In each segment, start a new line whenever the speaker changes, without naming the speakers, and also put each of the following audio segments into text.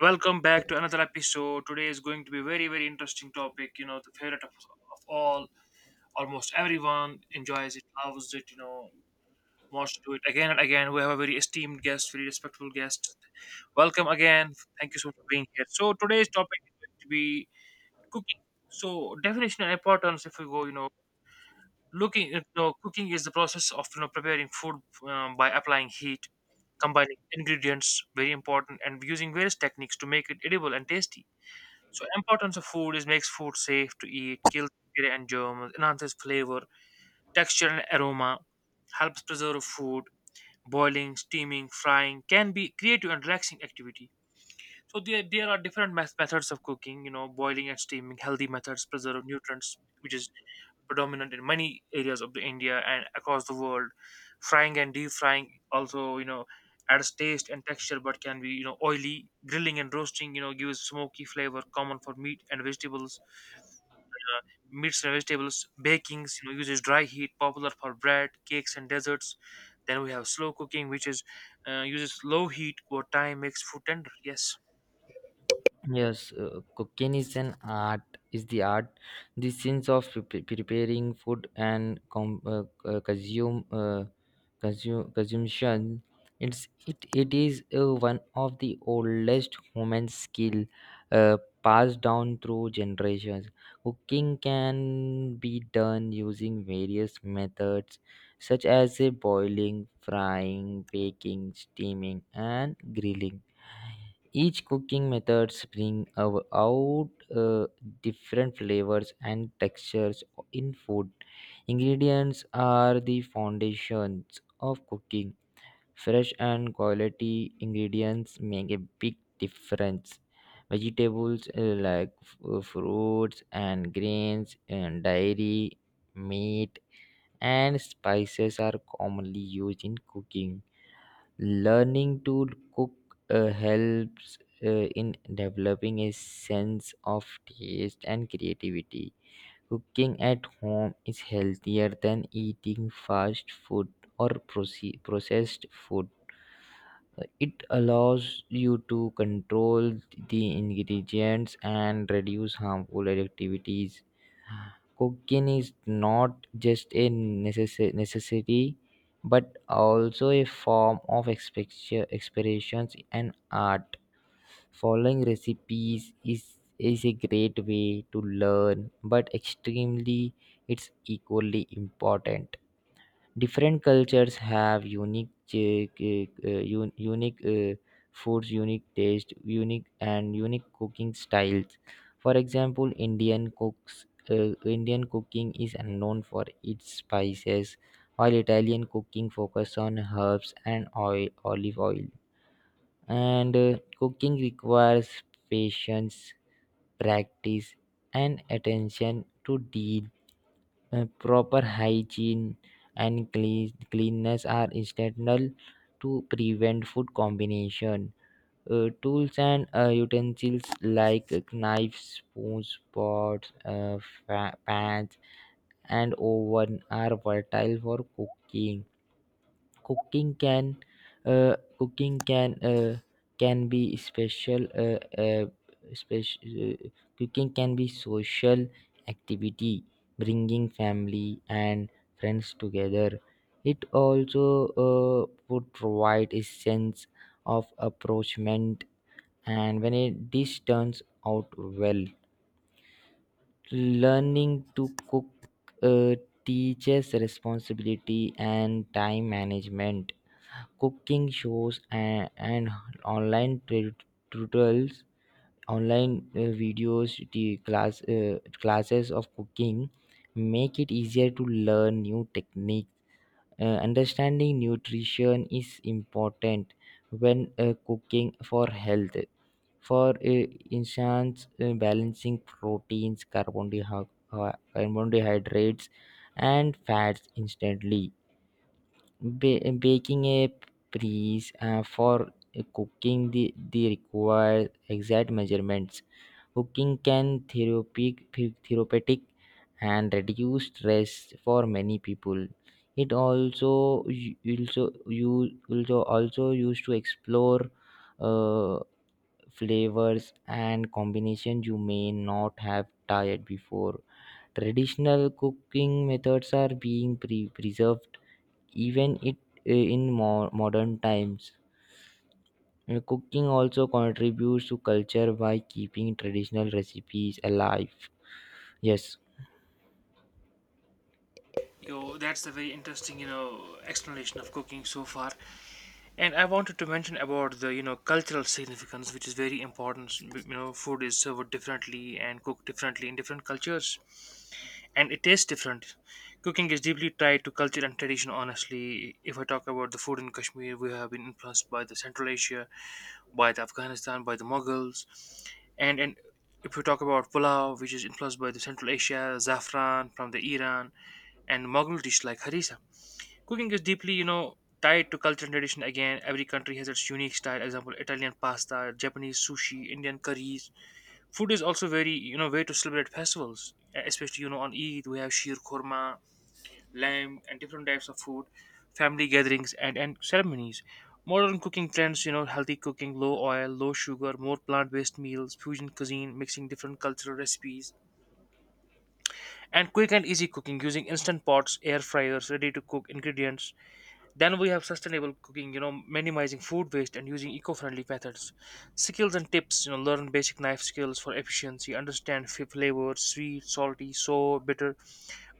Welcome back to another episode. Today is going to be very, very interesting topic. You know, the favorite of all, almost everyone enjoys it, loves it. Wants to do it again and again. We have a very esteemed guest, very respectful guest. Welcome again. Thank you so much for being here. So today's topic is going to be cooking. So definition and importance. If we go, looking, cooking is the process of preparing food by applying heat, combining ingredients, very important, and using various techniques to make it edible and tasty. So importance of food is makes food safe to eat, kills bacteria and germs, enhances flavor, texture and aroma, helps preserve food. Boiling, steaming, frying can be creative and relaxing activity. So there are different methods of cooking. You know, boiling and steaming, healthy methods preserve nutrients, which is predominant in many areas of the India and across the world. Frying and deep frying also, you know, adds taste and texture, but can be, you know, oily. Grilling and roasting, you know, gives smoky flavor, common for meat and vegetables meats and vegetables, bakings, you know, uses dry heat, popular for bread, cakes, and desserts. Then we have slow cooking, which is uses low heat over time, makes food tender. Yes.
Yes, cooking is an art. Is the art the sense of preparing food and consume consumption. It's it it is one of the oldest human skill, uh, passed down through generations. Cooking can be done using various methods such as boiling, frying, baking, steaming, and grilling. Each cooking methods bring out uh, different flavors and textures in food. Ingredients are the foundations of cooking. Fresh and quality ingredients make a big difference. Vegetables, like fruits and grains and dairy, meat and spices are commonly used in cooking. Learning to cook helps in developing a sense of taste and creativity. Cooking at home is healthier than eating fast food or processed food. It allows you to control the ingredients and reduce harmful activities. Cooking is not just a necessity but also a form of expressions and art. Following recipes is a great way to learn, but extremely it's equally important. Different cultures have unique unique, foods, unique taste, unique and unique cooking styles. For example, Indian cooking is known for its spices, while Italian cooking focus on herbs and oil olive oil. And cooking requires patience, practice and attention to detail. Proper hygiene and clean, cleanness are essential to prevent food combination. Tools and utensils like knives, spoons, pots, pans, and oven are vital for cooking. Cooking can cooking can be special uh, special Cooking can be social activity, bringing family and friends together. It also, uh, would provide a sense of approachment. And when a dish turns out well, learning to cook uh, teaches responsibility and time management. Cooking shows and online tutorials, online videos, the classes of cooking make it easier to learn new techniques. Understanding nutrition is important when cooking for health. For instance, balancing proteins, carbohydrates and fats instantly. Baking a piece, for cooking, the required exact measurements. Cooking can therapeutic and reduce stress for many people. It also u- also you also also used to explore, uh, flavors and combinations you may not have tried before. Traditional cooking methods are being preserved, even it, in more modern times. Cooking also contributes to culture by keeping traditional recipes alive. Yes,
Yo, that's a very interesting, you know, explanation of cooking so far. And I wanted to mention about the, you know, cultural significance, which is very important. You know, food is served differently and cooked differently in different cultures, and it tastes different. Cooking is deeply tied to culture and tradition, honestly. If I talk about the food in Kashmir, we have been influenced by the Central Asia, by the Afghanistan, by the Mughals. And if we talk about pulao, which is influenced by the Central Asia, zafran from the Iran, and Mughal dish like harissa. Cooking is deeply, you know, tied to culture and tradition again. Every country has its unique style. Example, Italian pasta, Japanese sushi, Indian curries. Food is also very, you know, way to celebrate festivals, especially you know on Eid we have sheer korma, lamb, and different types of food, family gatherings and ceremonies. Modern cooking trends, you know, healthy cooking, low oil, low sugar, more plant-based meals, fusion cuisine, mixing different cultural recipes, and quick and easy cooking using instant pots, air fryers, ready-to-cook ingredients. Then we have sustainable cooking, you know, minimizing food waste and using eco-friendly methods. Skills and tips, you know, learn basic knife skills for efficiency, understand flavors, sweet, salty, sour, bitter,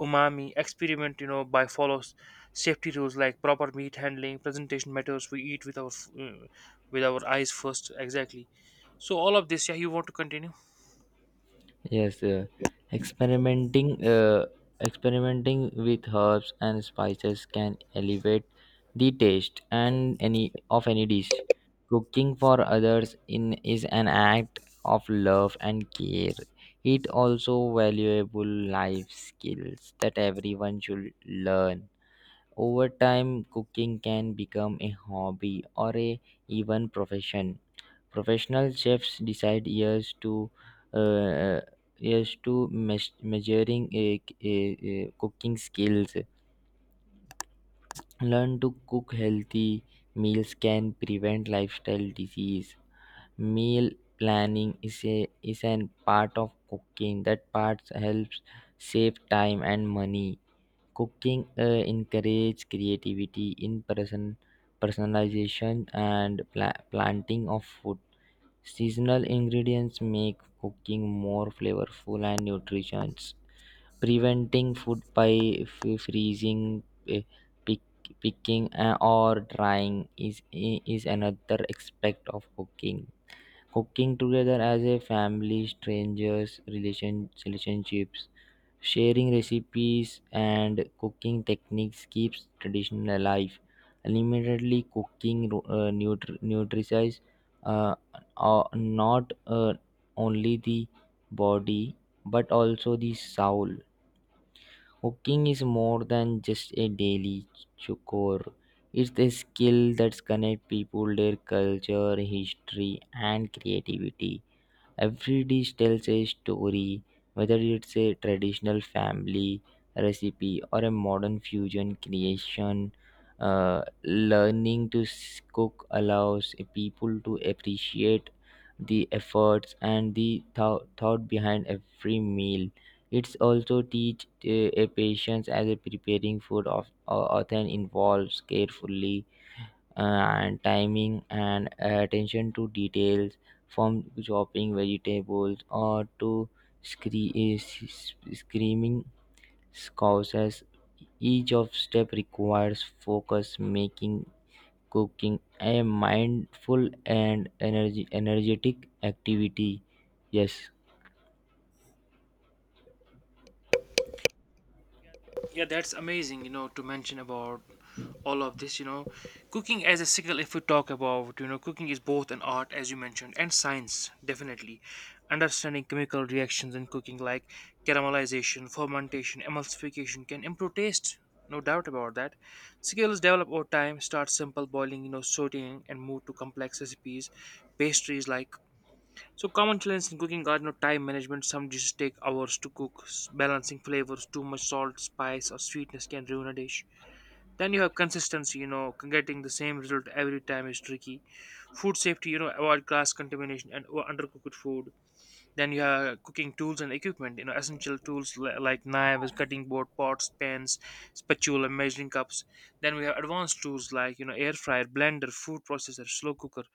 umami, experiment, you know, by follows safety rules like proper meat handling, presentation matters, we eat with our with our eyes first, exactly. So all of this, yeah, you want to continue?
yes. Experimenting, uh, Experimenting with herbs and spices can elevate the taste and any of any dish. Cooking for others in is an act of love and care. It also valuable life skills that everyone should learn. Over time, cooking can become a hobby or a even profession. Professional chefs decide years to, uh, years to measuring a cooking skills. Learn to cook healthy meals can prevent lifestyle disease. Meal planning is an part of cooking that part helps save time and money. Cooking encourage creativity in personalization and planting of food. Seasonal ingredients make cooking more flavorful and nutritious. Preventing food by freezing, eh, pick, picking, or drying is another aspect of cooking. Cooking together as a family, strangers, relationships. Sharing recipes and cooking techniques keeps tradition alive. Limitedly cooking, nutritious, uh, not, only the body but also the soul. Cooking is more than just a daily chore. It's a skill that connects people, their culture, history, and creativity. Every dish tells a story, whether it's a traditional family recipe or a modern fusion creation. Learning to cook allows people to appreciate the efforts and the thought behind every meal. It's also teach a patience as a preparing food of, often involves carefully, and timing and attention to details, from chopping vegetables or to screaming causes. Each of step requires focus, making cooking a mindful and energy energetic activity. Yes,
Yeah, that's amazing, you know, to mention about all of this, you know. Cooking as a skill, if we talk about, you know, cooking is both an art, as you mentioned, and science, definitely. Understanding chemical reactions in cooking, like caramelization, fermentation, emulsification, can improve taste. No doubt about that. Skills develop over time, start simple boiling, you know, sauteing, and move to complex recipes. Pastries like, so common challenges in cooking are no time management. Some dishes take hours to cook. Balancing flavors, too much salt, spice, or sweetness can ruin a dish. Then you have consistency. You know, getting the same result every time is tricky. Food safety. You know, avoid glass contamination and undercooked food. Then you have cooking tools and equipment, you know, essential tools like knives, cutting board, pots, pans, spatula, measuring cups. Then we have advanced tools like, you know, air fryer, blender, food processor, slow cooker,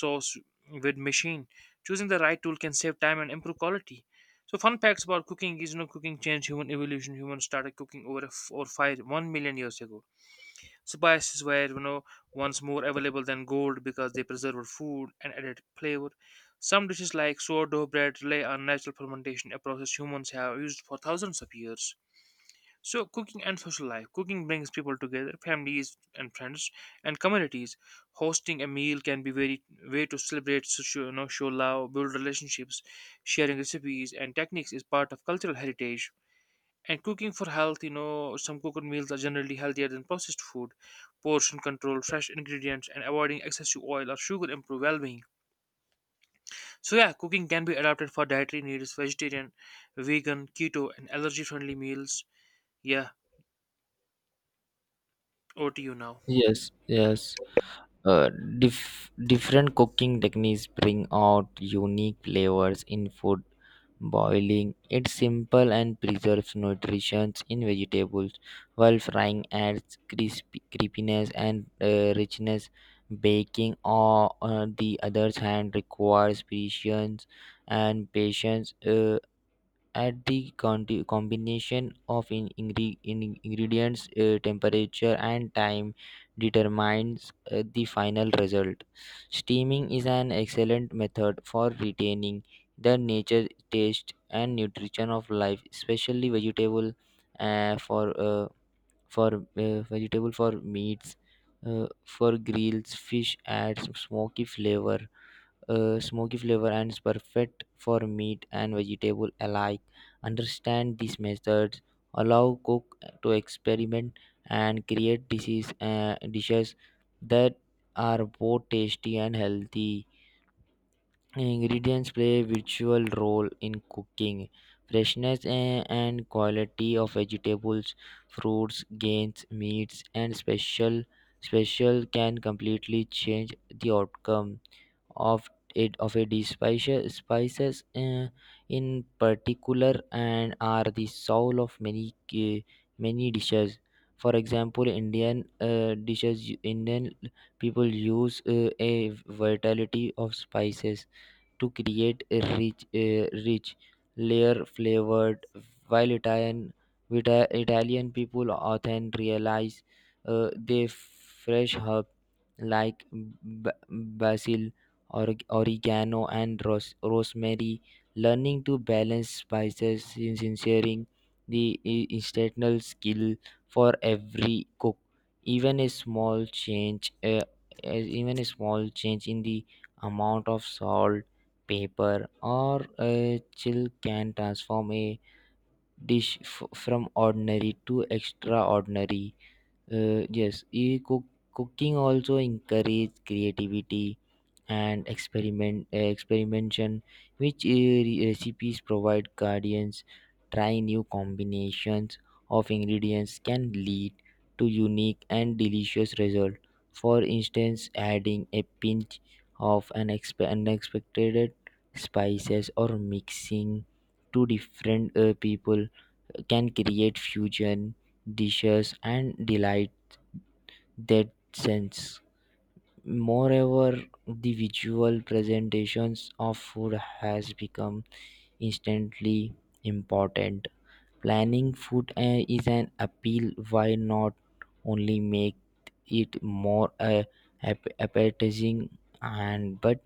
sauce with machine. Choosing the right tool can save time and improve quality. So fun facts about cooking is, you know, cooking changed human evolution. Humans started cooking over five one million years ago. Spices were, you know, once more available than gold because they preserved food and added flavor. Some dishes like sourdough bread rely on natural fermentation, a process humans have used for thousands of years. So, cooking and social life. Cooking brings people together, families and friends, and communities. Hosting a meal can be very way to celebrate, so show, you know, show love, build relationships. Sharing recipes and techniques is part of cultural heritage. And cooking for health, you know, some cooked meals are generally healthier than processed food. Portion control, fresh ingredients, and avoiding excess to oil or sugar improve well being. So, yeah, cooking can be adapted for dietary needs, vegetarian, vegan, keto, and allergy friendly meals. Yeah, over to you now.
yes, yes. Uh, Different cooking techniques bring out unique flavors in food. Boiling it's simple and preserves nutrition in vegetables, while frying adds crispy, creepiness and richness. Baking, on the other hand, requires patience and patience. Add the combination of ingredients, temperature and time determines the final result. Steaming is an excellent method for retaining the nature taste and nutrition of life, especially vegetable, uh, for uh, for vegetable, for meats, for grills, fish adds smoky flavor, smoky flavor and is perfect for meat and vegetable alike. Understand these methods, allow cook to experiment and create dishes that are both tasty and healthy. Ingredients play a virtual role in cooking. Freshness, eh, and quality of vegetables, fruits, grains, meats, and special can completely change the outcome of it of a dish. Spices, in particular, and are the soul of many dishes. For example, Indian, dishes, Indian people use, a vitality of spices to create a rich layer flavored. While Italian, with, Italian people often realize, they fresh herb like basil, or oregano, and rosemary. Learning to balance spices, sincering the instructional skill for every cook, even a small change. As even a small change in the amount of salt, paper or a chill can transform a dish from ordinary to extraordinary. uh, yes e- cook- Cooking also encourages creativity and experimentation, which, recipes provide guardians. Trying new combinations of ingredients can lead to unique and delicious result. For instance, adding a pinch of an unexpected spices, or mixing two different, people, can create fusion dishes and delight that sense. Moreover, the visual presentations of food has become instantly important. Planning food, is an appeal. Why not only make it more, appetizing and but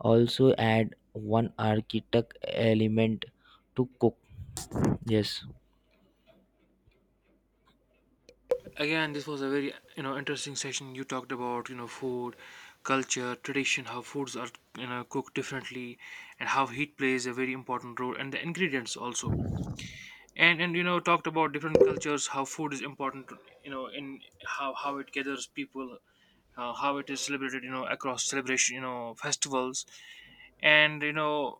also add one architect element to cook. Yes,
Again, this was a very, you know, interesting session. You talked about, you know, food, culture, tradition, how foods are, you know, cooked differently, and how heat plays a very important role, and the ingredients also. And you know talked about different cultures, how food is important, you know, in how it gathers people, how it is celebrated, you know, across celebration, you know, festivals, and you know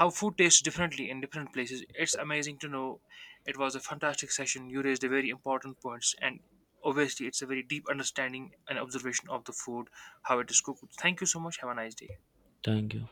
how food tastes differently in different places. It's amazing to know. It was a fantastic session. You raised a very important points, and obviously it's a very deep understanding and observation of the food, how it is cooked. Thank you so much. Have a nice day.
thank you.